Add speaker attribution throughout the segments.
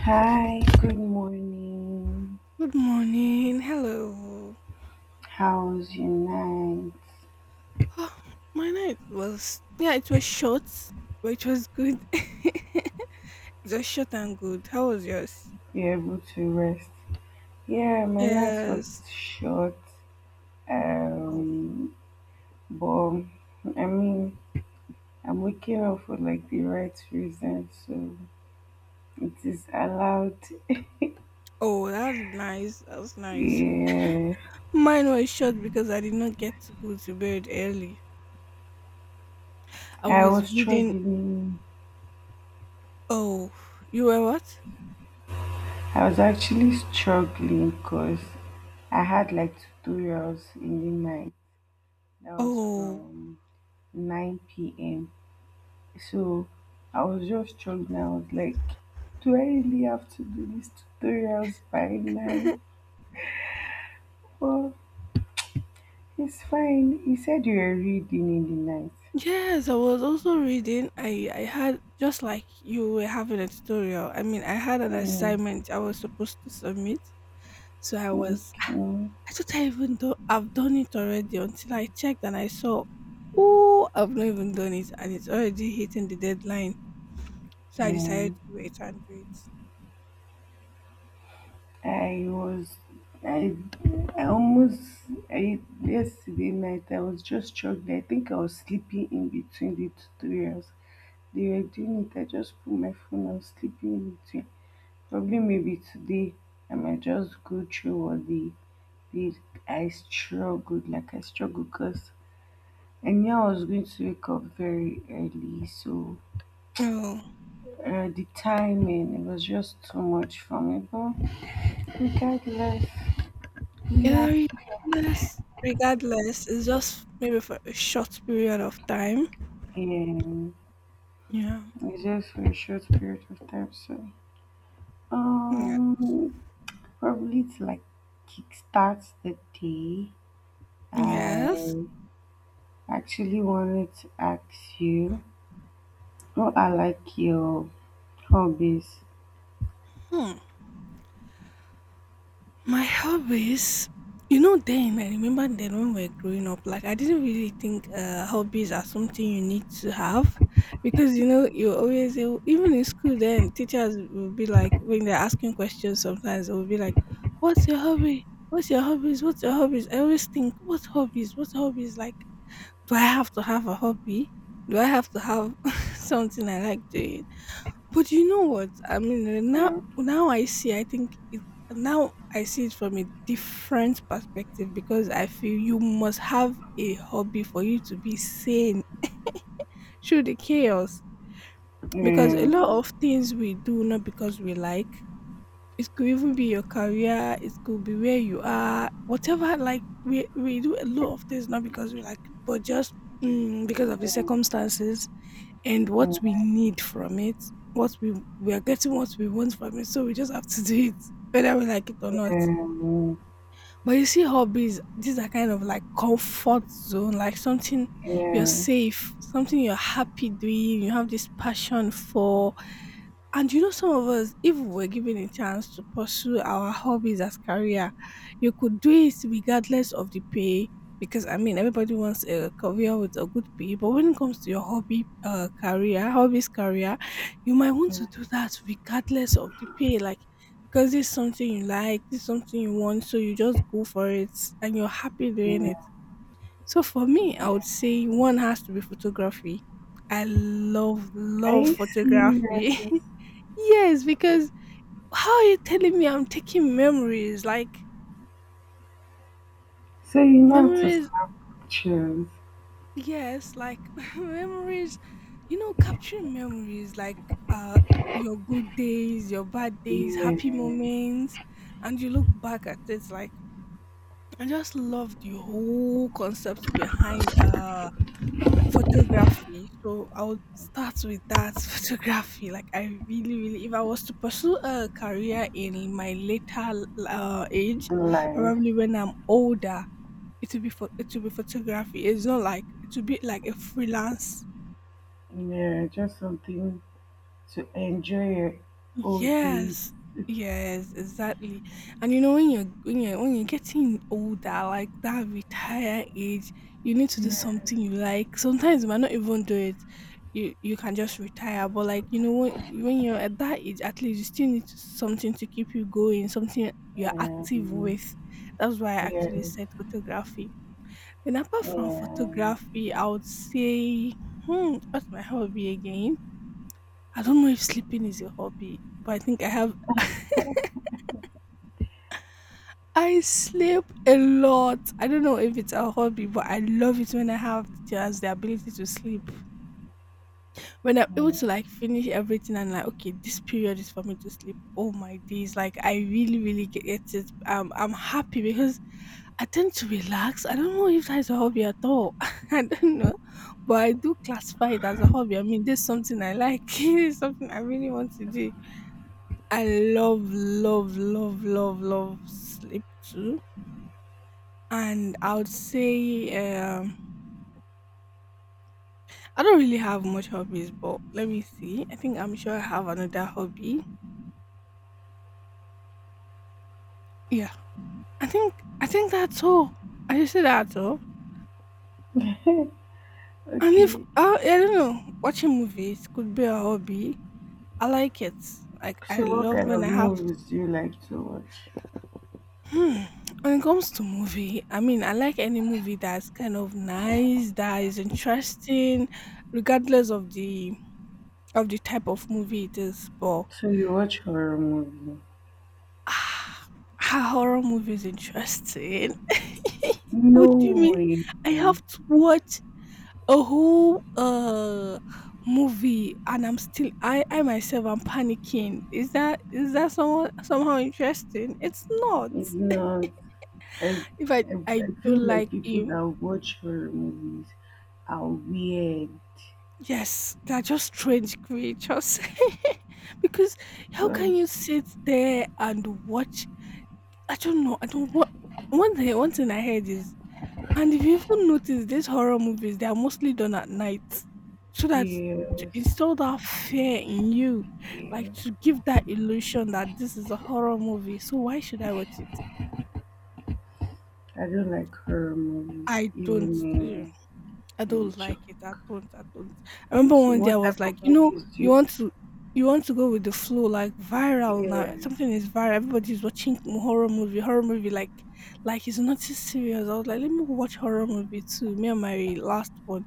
Speaker 1: Hi, good morning.
Speaker 2: Good morning. Hello.
Speaker 1: How's your night?
Speaker 2: Oh, my night was yeah, it was short, but it was good. It was short and good. How was yours?
Speaker 1: You're able to rest? Yeah, my night
Speaker 2: Yes.
Speaker 1: was short.
Speaker 2: Oh,
Speaker 1: Um, but I mean, I'm waking up for like the right reason, so it is allowed.
Speaker 2: oh, that's nice. That was nice.
Speaker 1: Yeah,
Speaker 2: Mine was short because I did not get to go to bed early. I
Speaker 1: I
Speaker 2: was
Speaker 1: was
Speaker 2: reading.
Speaker 1: struggling.
Speaker 2: Oh, you were what?
Speaker 1: I was actually struggling because I had like tutorials in the night. That was
Speaker 2: Oh,
Speaker 1: from 9 p.m. So I was just struggling. I was like, do I really have to do these tutorials by nine? Well, it's fine. He said you were reading in the night.
Speaker 2: yes. I was also reading. I had just like you were having a tutorial. I mean, I had an
Speaker 1: Mm,
Speaker 2: assignment I was supposed to submit. So I was
Speaker 1: okay.
Speaker 2: I thought I even though I've done it already until I checked and I saw, oh, I've not even done it and it's already hitting the deadline. So I decided
Speaker 1: Yeah.
Speaker 2: to wait and do it.
Speaker 1: I was. I, I almost. I, Yesterday night, I was just struggling. I think I was sleeping in between the tutorials. They were doing it. I just put my phone. I was sleeping in between. Probably maybe today. I might just go through all the bed I struggled because I knew I was going to wake up very early, so
Speaker 2: Oh,
Speaker 1: the timing, it was just too much for me, but regardless, we are
Speaker 2: yeah, regardless, regardless, it's just maybe for a short period of time.
Speaker 1: here.
Speaker 2: Yeah.
Speaker 1: It's just for a short period of time, so
Speaker 2: Yeah.
Speaker 1: um probably to like kickstart the day.
Speaker 2: Yes.
Speaker 1: I actually wanted to ask you, what are like your hobbies?
Speaker 2: Hmm. My hobbies, you know, then I remember then when we are growing up, like I didn't really think hobbies are something you need to have because you know you always even in school then teachers will be like when they're asking questions sometimes they will be like, "What's your hobby? What's your hobbies? What's your hobbies?" I always think, "What hobbies? What hobbies? Like, do I have to have a hobby? Do I have to have something I like doing?" But you know what? I mean, uh, now
Speaker 1: um,
Speaker 2: now I see. I think it now I see it from a different perspective because I feel you must have a hobby for you to be sane through the chaos. Because a lot
Speaker 1: um,
Speaker 2: of things we do not because we like. It could even be your career. It could be where you are. Whatever. Like we do a lot of things not because we like, but just because of the circumstances and what we need from it, what we are getting what we want from it. So we just have to do it, whether we like it or not.
Speaker 1: Yeah,
Speaker 2: But you see, hobbies, these are kind of like comfort zone, like something you're
Speaker 1: yeah,
Speaker 2: safe, something you're happy doing, you have this passion for. And you know, some of us, if we were given a chance to pursue our hobbies as career, you could do it regardless of the pay. Because I mean, everybody wants a career with a good pay, but when it comes to your hobbies career, you might want
Speaker 1: yeah.
Speaker 2: to do that regardless of the pay. Like because it's something you like, it's something you want, so you just go for it and you're happy doing it.
Speaker 1: Yeah.
Speaker 2: So for me, I would say one has to be photography. I love,
Speaker 1: Are
Speaker 2: love
Speaker 1: you
Speaker 2: photography.
Speaker 1: serious?
Speaker 2: Yes, because how are you telling me I'm taking memories? Like
Speaker 1: So you know how to
Speaker 2: memories,
Speaker 1: snap pictures.
Speaker 2: yes, like memories, you know, capturing memories like uh your good days, your bad days,
Speaker 1: Yeah,
Speaker 2: happy moments, and you look back at it like I just love the whole concept behind photography. So I would start with that photography. Like I really, really, if I was to pursue a career in my later age,
Speaker 1: life.
Speaker 2: probably when I'm older, it will be photography. It's not like it will be like a freelance.
Speaker 1: Yeah, just something to enjoy your old days.
Speaker 2: Yes. Yes, exactly. And you know when you're getting older, like that retire age, you need to do
Speaker 1: Yeah,
Speaker 2: something you like. Sometimes you might not even do it. You can just retire. But like, you know, when you're at that age, at least you still need to- something to keep you going, something you're
Speaker 1: yeah,
Speaker 2: active with. That's why I
Speaker 1: yeah,
Speaker 2: actually said photography. And apart from
Speaker 1: yeah.
Speaker 2: photography, I would say, hmm, what's my hobby again? I don't know if sleeping is a hobby, but I think I have. I sleep a lot. I don't know if it's a hobby, but I love it when I have the chance, the ability to sleep. When I'm able to like finish everything and like, okay, this period is for me to sleep. Oh my days. Like I really, really get it. I'm happy because I tend to relax. I don't know if that's a hobby at all. I don't know. But I do classify it as a hobby. I mean, this is something I like. It's something I really want to do. I love, love, love, love, love sleep too. And I would say um, I don't really have much hobbies, but let me see. I think I'm sure I have another hobby. Yeah, I think that's all. I just say that's all. And if
Speaker 1: Okay.
Speaker 2: I don't know, watching movies could be a hobby. I like it. Like I
Speaker 1: So what
Speaker 2: love
Speaker 1: kind
Speaker 2: when
Speaker 1: of
Speaker 2: I have.
Speaker 1: movies do you like to watch?
Speaker 2: Hmm. When it comes to movie, I mean, I like any movie that's kind of nice, that is interesting, regardless of the type of movie it is, but
Speaker 1: So you watch horror movies?
Speaker 2: ah, a horror movie is interesting.
Speaker 1: No
Speaker 2: What do you mean?
Speaker 1: way.
Speaker 2: I have to watch a whole movie and I'm still I myself am panicking. Is that somehow interesting? It's not.
Speaker 1: It's not. I,
Speaker 2: If I
Speaker 1: I
Speaker 2: I
Speaker 1: I
Speaker 2: don't
Speaker 1: feel like
Speaker 2: like
Speaker 1: people
Speaker 2: him,
Speaker 1: that watch horror movies are weird
Speaker 2: yes, they're just strange creatures. Because how can
Speaker 1: because
Speaker 2: you sit there and watch? I don't know. I don't what one thing I heard is, and if you even notice these horror movies, they are mostly done at night. So that to
Speaker 1: yes,
Speaker 2: instill that fear in you, like
Speaker 1: yeah,
Speaker 2: to give that illusion that this is a horror movie. So why should I watch it?
Speaker 1: I don't like horror movies,
Speaker 2: I don't uh,
Speaker 1: even
Speaker 2: I don't
Speaker 1: and Chuck.
Speaker 2: like it at all, at all. I remember
Speaker 1: So
Speaker 2: one day I
Speaker 1: what
Speaker 2: was
Speaker 1: type
Speaker 2: like,
Speaker 1: of
Speaker 2: you know,
Speaker 1: movies do
Speaker 2: you
Speaker 1: you?
Speaker 2: want to you want to go with the flow, like viral now. Something is viral. Everybody's watching horror movie like it's not too serious. I was like, let me watch horror movie too. Me and my last one.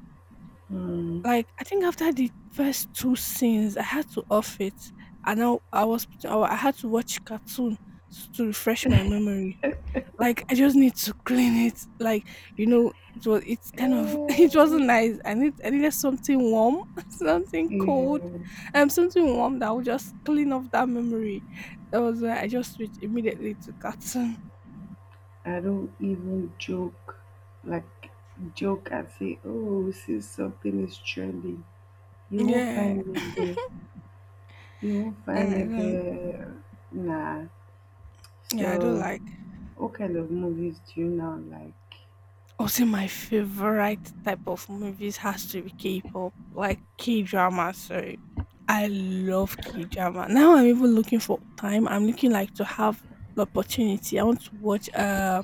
Speaker 1: Yeah, mm,
Speaker 2: Like I think after the first two scenes, I had to off it. And I had to watch cartoon to refresh my memory. Like I just need to clean it. Like you know, it's kind of it
Speaker 1: eh,
Speaker 2: wasn't nice. I needed something warm, something
Speaker 1: yeah.
Speaker 2: cold, something warm that would just clean off that memory. That was why I just switched immediately to cartoon.
Speaker 1: I don't even joke, like joke and say, oh, since something is trending, you won't
Speaker 2: Yeah,
Speaker 1: find me there. You won't find me
Speaker 2: and I don't.
Speaker 1: there. Nah.
Speaker 2: Yeah, I don't
Speaker 1: So,
Speaker 2: like.
Speaker 1: what kind of movies do you now like?
Speaker 2: Also, my favorite type of movies has to be K-pop, like K-drama. Sorry, I love K-drama. Now I'm even looking for time. I'm looking like to have the opportunity. I want to watch.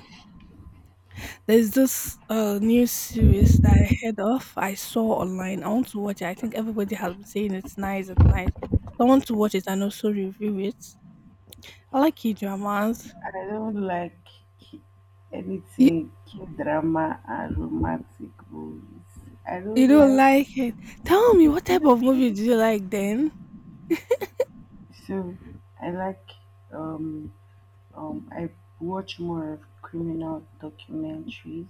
Speaker 2: There's this new series that I heard of. I saw online. I want to watch it. I think everybody has been saying it's nice. It's nice. So I want to watch it and also review it. I like K-dramas.
Speaker 1: I don't like ki-
Speaker 2: You,
Speaker 1: anything K drama and romantic movies. I
Speaker 2: you
Speaker 1: don't
Speaker 2: don't
Speaker 1: like.
Speaker 2: like it? Tell me what type of movie do you like then?
Speaker 1: So, I like. Um, I watch more of criminal documentaries.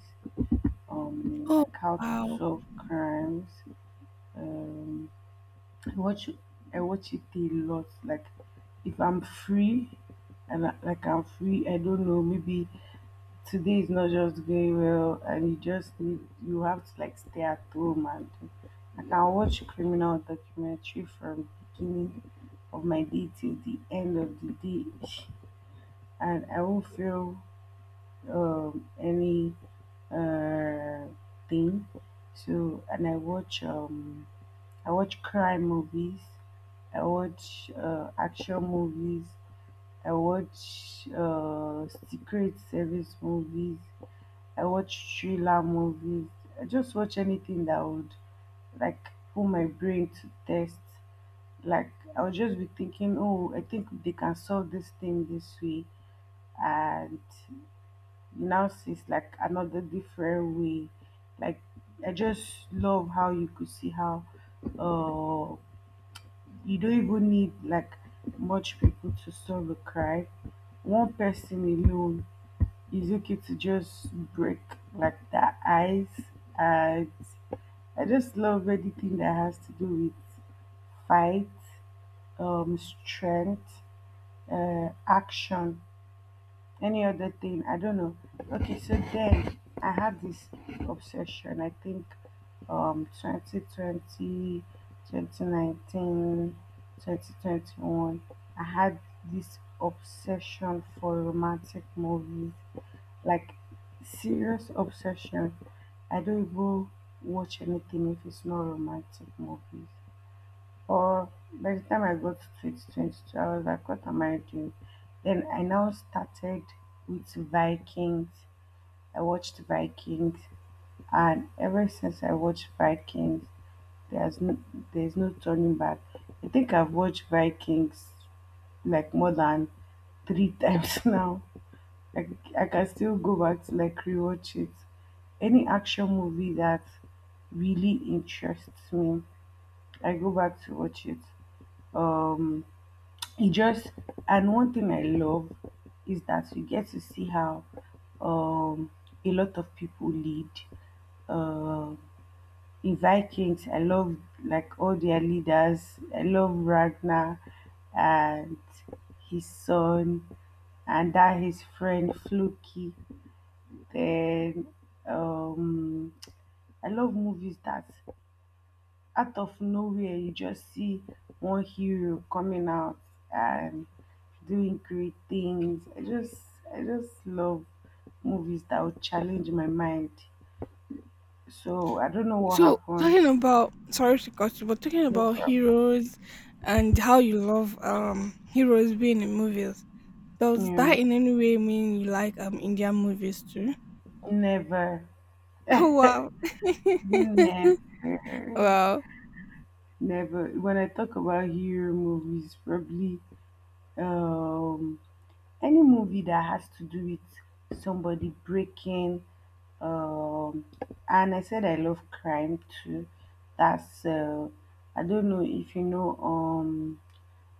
Speaker 2: Oh
Speaker 1: Like how to
Speaker 2: wow.
Speaker 1: solve crimes. Um, I watch. I watch it a lot. Like, if I'm free, and like I'm free, I don't know, maybe today is not just going well and you just need you have to like stay at home and like, I can watch a criminal documentary from the beginning of my day till the end of the day and I won't feel any uh thing. So and I watch crime movies, I watch action movies, I watch secret service movies, I watch thriller movies. I just watch anything that would like put my brain to test. Like I'll just be thinking, oh, I think they can solve this thing this way, and you now sees like another different way. Like I just love how you could see how uh you don't even need like much people to solve a crime. One person alone is okay to just break like the ice, and I just love anything that has to do with fight, strength, action, any other thing. I don't know. Okay, so then I have this obsession. I think 2020, 2019, 2021. I had this obsession for romantic movies, like serious obsession. I don't even watch anything if it's not romantic movies. Or by the time I got to 2022, I was like, what am I doing? Then I now started with Vikings. I watched Vikings, and ever since I watched Vikings, there's no, there's no turning back. I think I've watched Vikings like more than three times now, like I can still go back to like rewatch it. Any action movie that really interests me, I go back to watch it. Um, it just and one thing I love is that you get to see how um a lot of people lead. Um, in Vikings, I love like all their leaders. I love Ragnar and his son and that his friend Floki. Then um, I love movies that out of nowhere you just see one hero coming out and doing great things. I just love movies that would challenge my mind. So I don't know what
Speaker 2: So
Speaker 1: happened.
Speaker 2: talking about sorry to cut you, but talking
Speaker 1: No
Speaker 2: about
Speaker 1: problem.
Speaker 2: heroes and how you love heroes being in movies. Does
Speaker 1: Yeah,
Speaker 2: that in any way mean you like Indian movies too?
Speaker 1: never,
Speaker 2: Oh wow.
Speaker 1: never,
Speaker 2: Wow.
Speaker 1: never. When I talk about hero movies, probably um any movie that has to do with somebody breaking um and I said I love crime too. That's I don't know if you know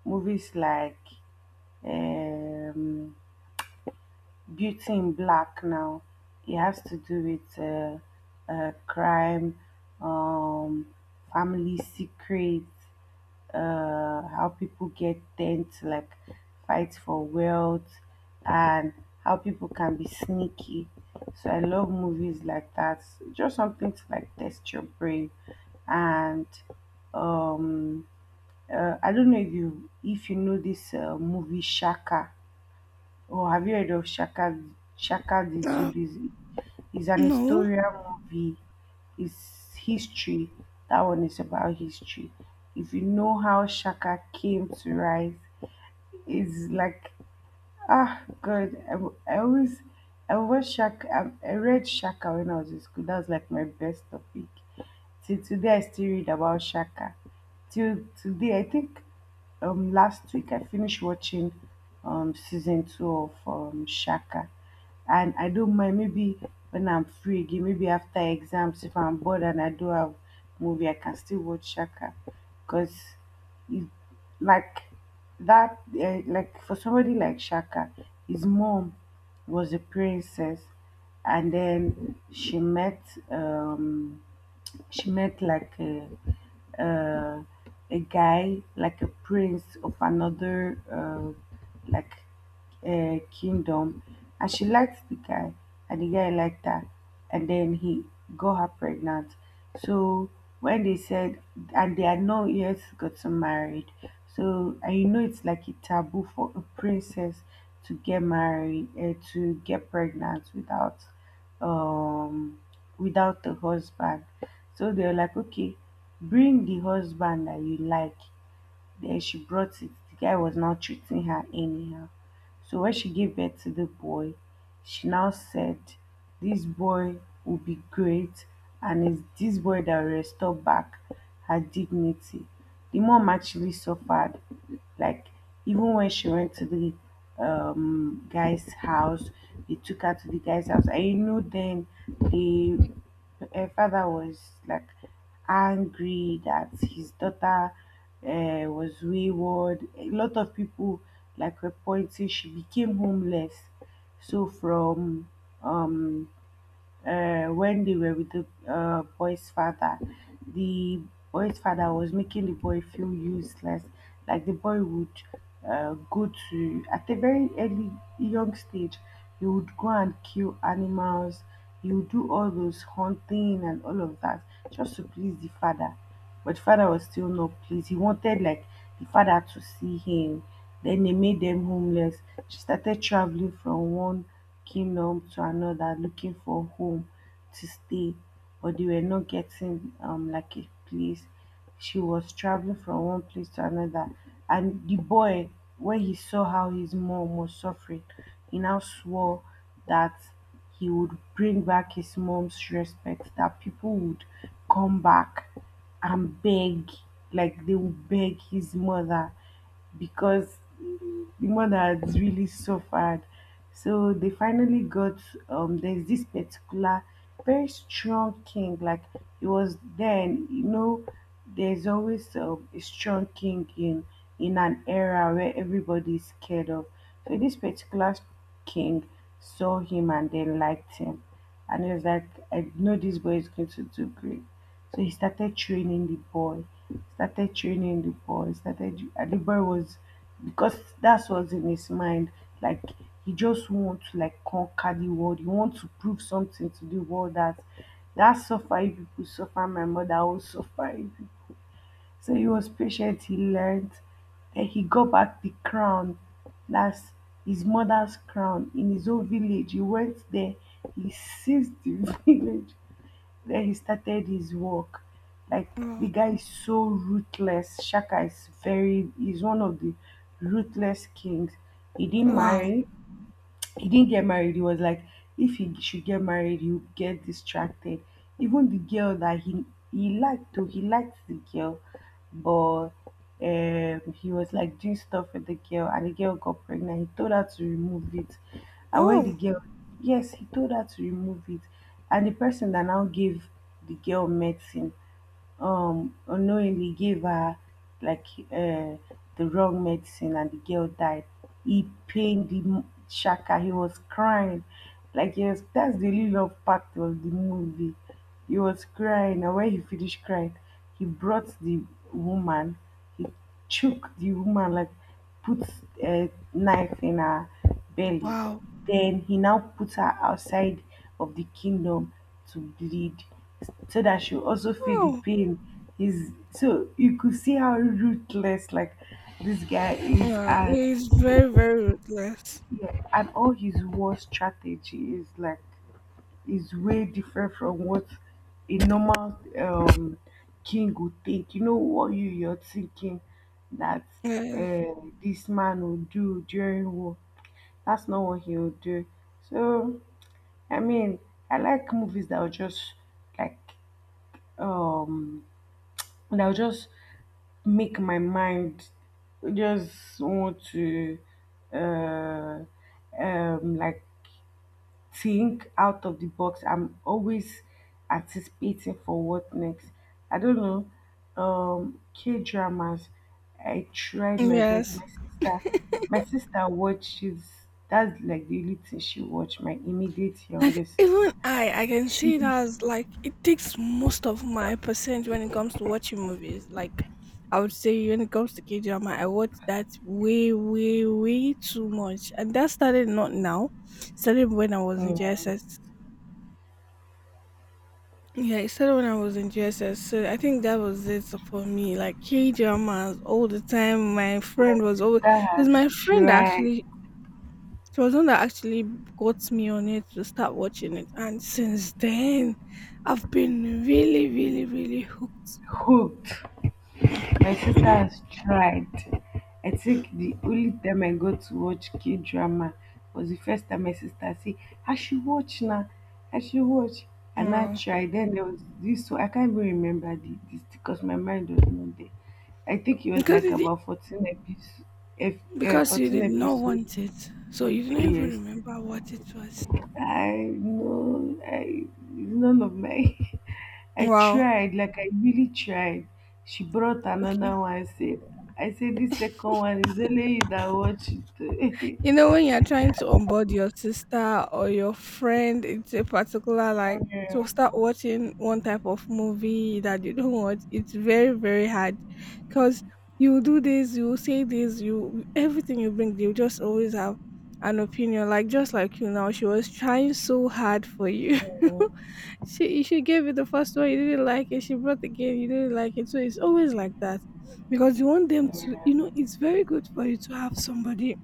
Speaker 1: movies like um Beauty in Black now. It has to do with crime, um family secrets, how people get tend to like fight for wealth and how people can be sneaky. So I love movies like that. Just something to like test your brain, and um I don't know if you know this movie Shaka. Oh, have you heard of Shaka the
Speaker 2: Uh,
Speaker 1: Zulu? It's an
Speaker 2: no.
Speaker 1: historian movie. It's history. That one is about history. If you know how Shaka came to rise, it's like ah, God, I watch Shaka, I read Shaka when I was in school. That was like my best topic. Till today, I still read about Shaka. Till today, I think last week I finished watching season two of Shaka, and I don't mind. Maybe when I'm free again, maybe after exams, if I'm bored and I do have movie, I can still watch Shaka, cause like that like for somebody like Shaka, his mom was a princess, and then um she met like uh, a guy, like a prince of another like a kingdom, and she liked the guy and the guy liked her, and then he got her pregnant. So when they said and they had not yet gotten married, so and you know it's like a taboo for a princess to get pregnant without um without a husband. So they were like, okay, bring the husband that you like. Then she brought it. The guy was not treating her anyhow. So when she gave birth to the boy, she now said, this boy will be great, and it's this boy that will restore back her dignity. The mom actually suffered. Like, even when she went to the guy's house, they took her to the guy's house. I know then they her father was like angry that his daughter was wayward. A lot of people like were pointing she became homeless. So from um when they were with the boy's father, the boy's father was making the boy feel useless. Like the boy would go to, at a very early, young stage, he would go and kill animals, he would do all those hunting and all of that just to please the father, but father was still not pleased. He wanted like the father to see him. Then they made them homeless. She started traveling from one kingdom to another looking for a home to stay, but they were not getting like a place. She was traveling from one place to another, and the boy, when he saw how his mom was suffering, he now swore that he would bring back his mom's respect, that people would come back and beg, like they would beg his mother because the mother had really suffered. So they finally got there's this particular very strong king, like it was then, you know, there's always a strong king in an era where everybody is scared of. So this particular king saw him and they liked him. And he was like, I know this boy is going to do great. So he started training the boy, started training the boy, started, and the boy was, because that's what's in his mind. Like, he just wants to like conquer the world. He wants to prove something to the world that that suffer if people suffer, my mother will suffer if so he was patient, he learned. Then he got back the crown. That's his mother's crown in his own village. He went there, he seized the village. Then he started his work. Like
Speaker 2: Wow.
Speaker 1: the guy is so ruthless. Shaka is very he's one of the ruthless kings. He didn't
Speaker 2: Wow.
Speaker 1: marry, he didn't get married. He was like, if he should get married, he would get distracted. Even the girl that he liked, though, he liked the girl, but he was like doing stuff with the girl and the girl got pregnant. He told her to remove it. And when the
Speaker 2: Oh
Speaker 1: girl yes, he told her to remove it. And the person that now gave the girl medicine unknowingly gave her like uh, the wrong medicine and the girl died. He pained the shaka. He was crying. Like yes, that's the only love part of the movie. He was crying and when he finished crying, he brought the woman, he chook the woman like put a knife in her belly.
Speaker 2: wow.
Speaker 1: Then he now puts her outside of the kingdom to bleed so that she also feel the
Speaker 2: Oh.
Speaker 1: pain. Is so you could see how ruthless like this guy is,
Speaker 2: Yeah.
Speaker 1: and
Speaker 2: It's very, very ruthless.
Speaker 1: yeah, and all his war strategy is like is way different from what a normal king would think. You know what you're thinking that
Speaker 2: Yes.
Speaker 1: uh, this man will do during war. That's not what he will do. So, I mean, I like movies that will just like um that will just make my mind just want to uh like think out of the box. I'm always anticipating for what next. I don't know. K dramas. I tried my best.
Speaker 2: Yes.
Speaker 1: My sister watches. That's like the only thing she watched. My immediate
Speaker 2: Like
Speaker 1: younger sister.
Speaker 2: even I can see
Speaker 1: She,
Speaker 2: it as like it takes most of my percent when it comes to watching movies. Like I would say when it comes to K drama, I watch that way, way, way too much. And that started not now. Started when I was in
Speaker 1: yeah,
Speaker 2: JSS. Yeah, it started when I was in JSS. So I think that was it for me. Like K dramas all the time. My
Speaker 1: my
Speaker 2: friend was always
Speaker 1: sister
Speaker 2: it was
Speaker 1: has
Speaker 2: my friend that
Speaker 1: tried.
Speaker 2: actually It was one that actually got me on it to start watching it, and since then, I've been really, really, really hooked.
Speaker 1: Hooked. My sister has tried. I think the only time I got to watch K drama was the first time my sister say, I should watch now. I should watch. And I
Speaker 2: Wow.
Speaker 1: tried. Then there was this one. I can't even remember this because my mind was not there. I think it was
Speaker 2: Because
Speaker 1: like
Speaker 2: you did,
Speaker 1: about 14 episodes. If,
Speaker 2: because you
Speaker 1: 14
Speaker 2: did not
Speaker 1: episodes,
Speaker 2: want it, so you didn't even
Speaker 1: yes.
Speaker 2: remember what it was.
Speaker 1: I know. It's none of my I
Speaker 2: Wow.
Speaker 1: tried, like I really tried. She brought
Speaker 2: Okay.
Speaker 1: another one. I said, this second one is only you that watch it.
Speaker 2: You know, when you're trying to onboard your sister or your friend into a particular, like, to
Speaker 1: Yeah,
Speaker 2: start watching one type of movie that you don't watch, it's very, very hard. Because you do this, you say this, you everything you bring, you just always have an opinion. Like, just like you now, she was trying so hard for you. She gave you the first one, you didn't like it. She brought again, you didn't like it. So it's always like that. Because you want them to, you know, it's very good for you to have somebody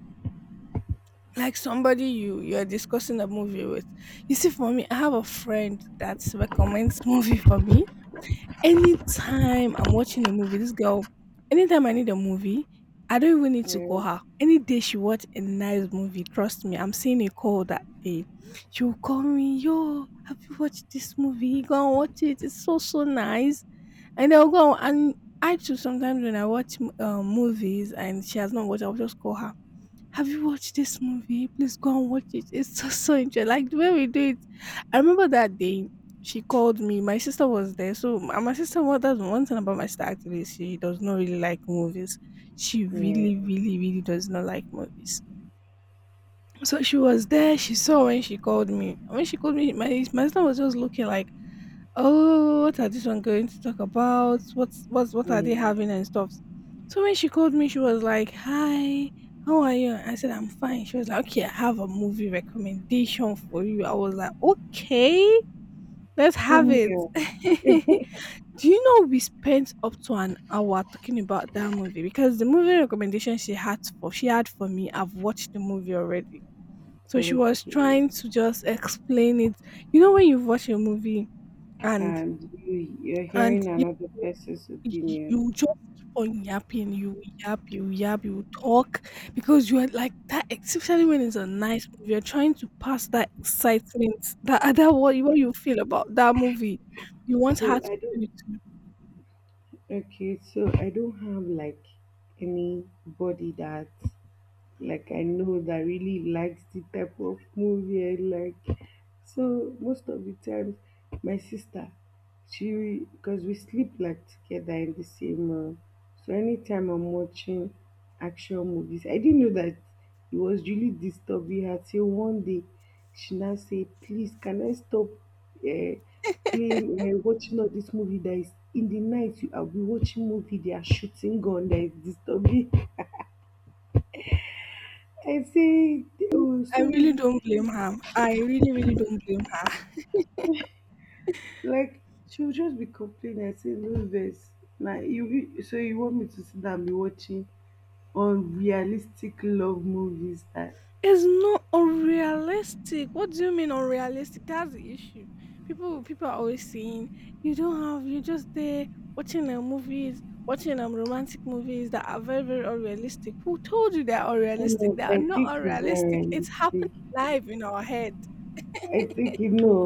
Speaker 2: like somebody you're discussing a movie with. You see, for me, I have a friend that recommends movie for me. Anytime I'm watching a movie, this girl, anytime I need a movie, I don't even need to
Speaker 1: yeah,
Speaker 2: call her. Any day she watch a nice movie, trust me, I'm seeing a call that day. She will call me, "Yo, have you watched this movie? Go and watch it. It's so so nice." And I'll go and I too sometimes when I watch movies and she has not watched, I'll just call her, "Have you watched this movie? Please go and watch it. It's so so interesting." Like the way we do it. I remember that day she called me. My sister was there. So my sister what that's one thing about my sister actually. She does not really like movies. She
Speaker 1: yeah,
Speaker 2: really, really, really does not like movies. So she was there. She saw when she called me. And When she called me, my son was just looking like, "Oh, what are this one going to talk about? What's what are they
Speaker 1: yeah.
Speaker 2: having and stuff?" So when she called me, she was like, "Hi, how are you?" I said, "I'm fine." She was like, "Okay, I have a movie recommendation for you." I was like, "Okay, let's
Speaker 1: Pull
Speaker 2: have it."
Speaker 1: me up.
Speaker 2: Do you know we spent up to an hour talking about that movie because the movie recommendation she had for me, I've watched the movie already. So she was
Speaker 1: Okay.
Speaker 2: trying to just explain it. You know, when you watch a movie and
Speaker 1: And you're
Speaker 2: and
Speaker 1: hearing
Speaker 2: you,
Speaker 1: another person's
Speaker 2: you
Speaker 1: opinion.
Speaker 2: you just keep on yapping, you will yap, you will yap, you will talk because you are like that. Especially when it's a nice movie, you're trying to pass that excitement, that other what you feel about that movie. You want her
Speaker 1: So
Speaker 2: to
Speaker 1: I
Speaker 2: do
Speaker 1: don't.
Speaker 2: it too.
Speaker 1: Okay. So I don't have like anybody that like I know that really likes the type of movie I like. So most of the times, my sister, she because we sleep like together in the same room. So anytime I'm watching action movies, I didn't know that it was really disturbing her till one day she now say, "Please, can I stop uh, playing watching all this movie that is in the night? You are we watching movie? They are shooting gun that is disturbing." I say, oh,
Speaker 2: I
Speaker 1: sorry.
Speaker 2: really don't blame her. I really, really don't blame her.
Speaker 1: Like, she will just be complaining. I say, no, this. Now, you so you want me to sit down and be watching unrealistic love movies that
Speaker 2: It's not unrealistic. What do you mean unrealistic? That's the issue. People are always saying you don't have you're just there watching movies, watching romantic movies that are very, very unrealistic. Who told you they're unrealistic? They are
Speaker 1: I
Speaker 2: not
Speaker 1: think it's
Speaker 2: unrealistic.
Speaker 1: very
Speaker 2: It's happening
Speaker 1: realistic.
Speaker 2: live in our head.
Speaker 1: I think you know.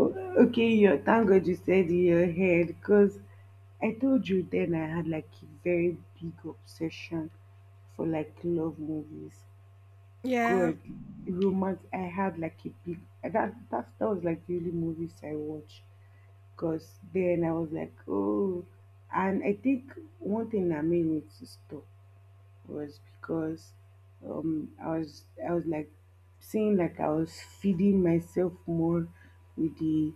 Speaker 1: Okay. You. thank God you said in your head because I told you then I had like a very big obsession for like love movies.
Speaker 2: Yeah.
Speaker 1: Good romance. I had like a big that was like the only movies I watched because then I was like, oh, and I think one thing that made me to stop was because I was like seeing like I was feeding myself more with the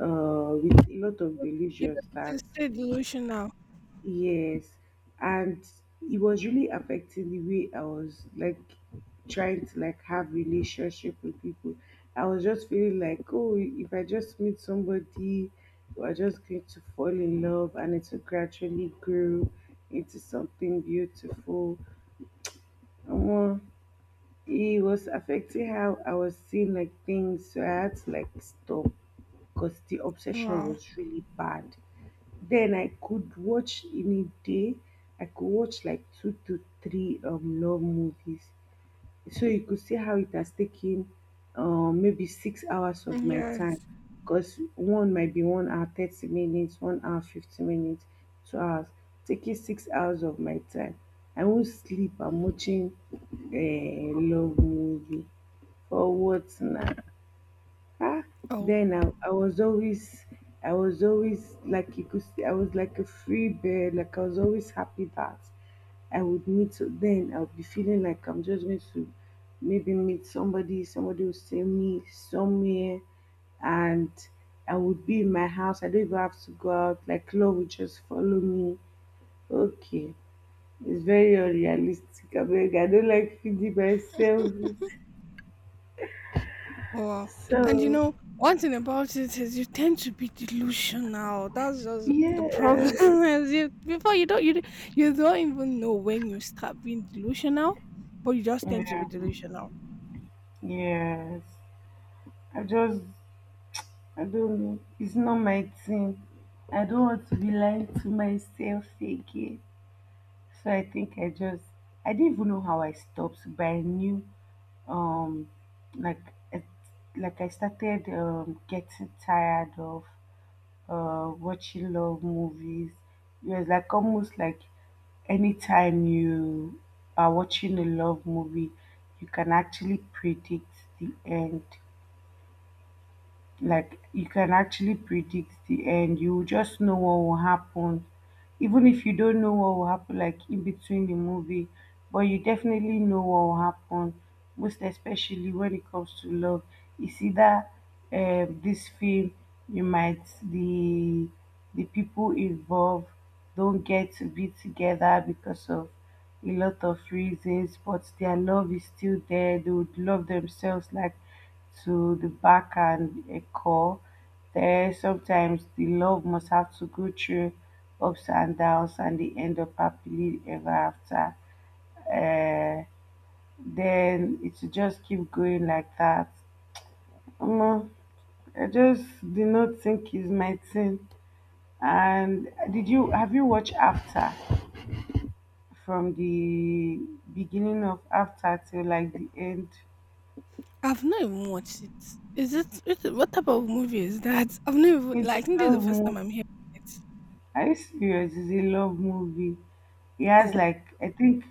Speaker 1: with a lot of
Speaker 2: You know,
Speaker 1: delusions that.
Speaker 2: it's still delusional.
Speaker 1: Yes, and it was really affecting the way I was like trying to like have relationship with people. I was just feeling like, oh, if I just meet somebody, we're just going to fall in love, and it will gradually grow into something beautiful. And more, it was affecting how I was seeing like things, so I had to like stop because the obsession
Speaker 2: Wow.
Speaker 1: was really bad. Then I could watch in a day, I could watch like two to three long movies. So you could see how it has taken maybe 6 hours of my time.
Speaker 2: Yes.
Speaker 1: Because one might be 1 hour 30 minutes, 1 hour 50 minutes, 2 hours, taking 6 hours of my time. I won't sleep, I'm watching a love movie. For what now? Ah,
Speaker 2: Oh.
Speaker 1: then I was always like you could see, I was like a free bird. Like I was always happy that I would meet. Then I'll be feeling like I'm just going to maybe meet somebody. Somebody will send me somewhere, and I would be in my house. I don't even have to go out. Like love would just follow me. Okay, it's very unrealistic. I beg. I don't like feeling myself.
Speaker 2: Oh, wow. And you
Speaker 1: So,
Speaker 2: know, one thing about it is you tend to be delusional. That's just the problem.
Speaker 1: yeah.
Speaker 2: Is you, before you don't even know when you start being delusional, but you just tend to
Speaker 1: Mm,
Speaker 2: be delusional.
Speaker 1: yes. I just, I don't know. It's not my thing. I don't want to be lying to myself again. So I think I didn't even know how I stopped, but I knew, um, like, it, like I started getting tired of watching love movies. It was like almost like anytime you are watching a love movie, you can actually predict the end. Like you can actually predict the end, you just know what will happen, even if you don't know what will happen like in between the movie, but you definitely know what will happen, most especially when it comes to love. It's either this film, you might the people involved don't get to be together because of a lot of reasons, but their love is still there. They would love themselves like to the back and a call there. Sometimes the love must have to go through ups and downs and they end up happily ever after. Uh, then it should just keep going like that. Omo, I just did not think is my thing. And did you have you watched After from the beginning of After till like the end?
Speaker 2: I've not even watched it. Is it, is it, what type of movie is that? I've not even,
Speaker 1: It's
Speaker 2: like, I think
Speaker 1: a
Speaker 2: this is the
Speaker 1: love
Speaker 2: first time
Speaker 1: movie.
Speaker 2: I'm hearing it.
Speaker 1: Are you serious? It's a love movie. He has
Speaker 2: Oh,
Speaker 1: like I think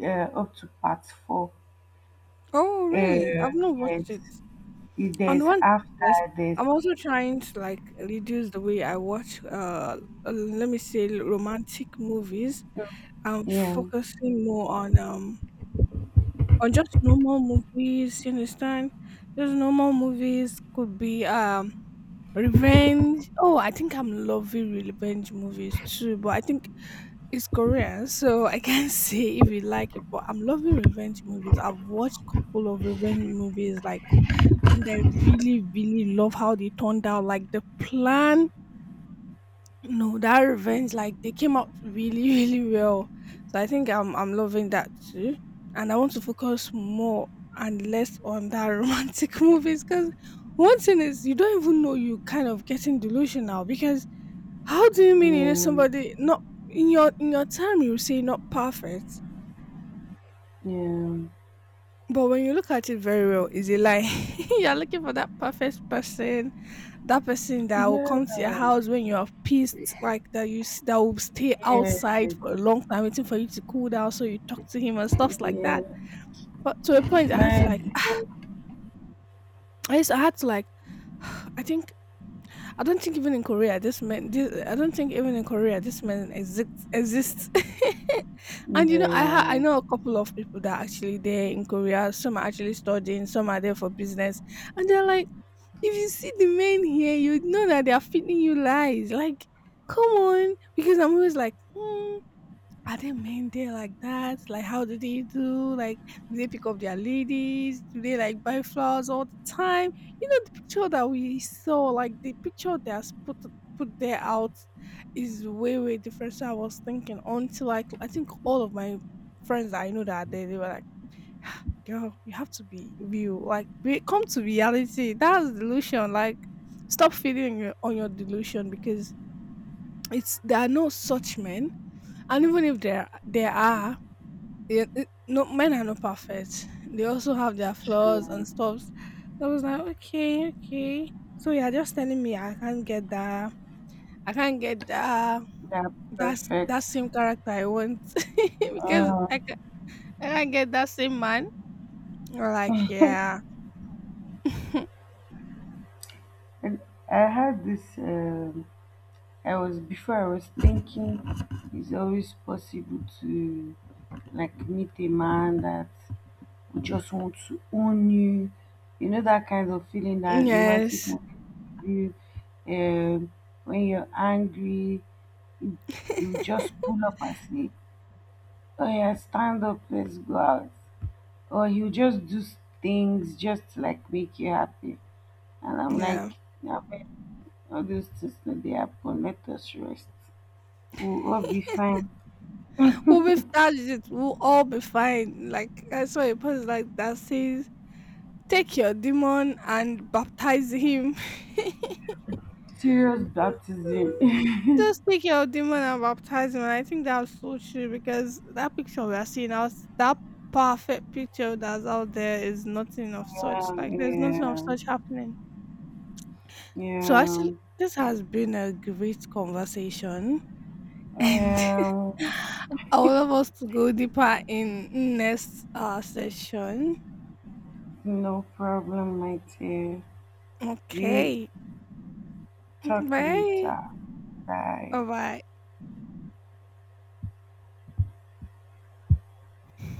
Speaker 1: up to part four.
Speaker 2: oh
Speaker 1: Uh,
Speaker 2: really? I've not
Speaker 1: yes,
Speaker 2: watched it.
Speaker 1: If
Speaker 2: On
Speaker 1: there's
Speaker 2: one, yes,
Speaker 1: after this.
Speaker 2: I'm also trying to like reduce the way I watch. Let me say romantic movies. I'm
Speaker 1: Yeah,
Speaker 2: focusing more on just normal movies, you understand? Just normal movies could be revenge. Oh, I think I'm loving revenge movies too, but I think it's Korean, so I can't say if you like it, but I'm loving revenge movies. I've watched couple of revenge movies like, and I really, really love how they turned out. Like the plan, no, that revenge, like they came out really, really well. So I think I'm loving that too. And I want to focus more and less on that romantic movies because one thing is you don't even know you kind of getting delusional because how do you mean you know
Speaker 1: yeah,
Speaker 2: somebody not in your time you say not perfect,
Speaker 1: yeah,
Speaker 2: but when you look at it very well, is it like you're looking for that perfect person, that person that will
Speaker 1: yeah,
Speaker 2: come to your house when you're pissed, like that that will stay
Speaker 1: yeah,
Speaker 2: outside for a long time waiting for you to cool down, so you talk to him and stuffs like
Speaker 1: yeah.
Speaker 2: that. But to a point, I had to
Speaker 1: My
Speaker 2: like,
Speaker 1: dear,
Speaker 2: I used, I had to like, I think I don't think even in Korea this man. This, I don't think even in Korea this man exists. Exists. And you know, I
Speaker 1: yeah,
Speaker 2: know a couple of people that are actually there in Korea. Some are actually studying. Some are there for business, and they're like, "If you see the men here, you know that they are feeding you lies." Like, come on, because I'm always like, hmm, are they men there like that? Like, how do they do? Like, do they pick up their ladies? Do they like buy flowers all the time? You know, the picture that we saw, like the picture that's put there out, is way way different. So I was thinking, until like I think all of my friends that I know that are there, they were like, "Ah, girl, you have to be real. Like, be, come to reality. That's delusion. Like, stop feeding your- on your delusion because." It's there are no such men, and even if there are, yeah, it, no, men are not perfect. They also have their flaws
Speaker 1: true.
Speaker 2: and stuffs. So I was like, okay, okay. So you're just telling me I can't get that. I can't get that.
Speaker 1: That
Speaker 2: That's
Speaker 1: perfect.
Speaker 2: that same character I want because
Speaker 1: Uh,
Speaker 2: I can I can't get that same man. We're like, yeah,
Speaker 1: and I had this. I was before I was thinking it's always possible to like meet a man that. You just want to own you. You know that kind of feeling that romantic
Speaker 2: yes,
Speaker 1: movie give you, um, when you're angry, you, you just pull up and say, oh yeah, stand up, let's go out. Or you just do things just to, like make you happy. And I'm like,
Speaker 2: yeah.
Speaker 1: yeah, but all those things that they happen, let us rest. We'll all be fine.
Speaker 2: We'll be, that's it. We'll all be fine. Like I saw a post like that says, "Take your demon and baptize him."
Speaker 1: Serious baptism.
Speaker 2: Just take your demon and baptize him, and I think that's so true because that picture we are seeing now, that perfect picture that's out there is nothing of such.
Speaker 1: Yeah,
Speaker 2: Like there's nothing of
Speaker 1: yeah,
Speaker 2: such happening. So
Speaker 1: yeah,
Speaker 2: actually, this has been a great conversation, and
Speaker 1: yeah.
Speaker 2: I would love us to go deeper in next session.
Speaker 1: No problem, my dear. We
Speaker 2: Okay,
Speaker 1: talk
Speaker 2: bye.
Speaker 1: later. Bye.
Speaker 2: Bye bye.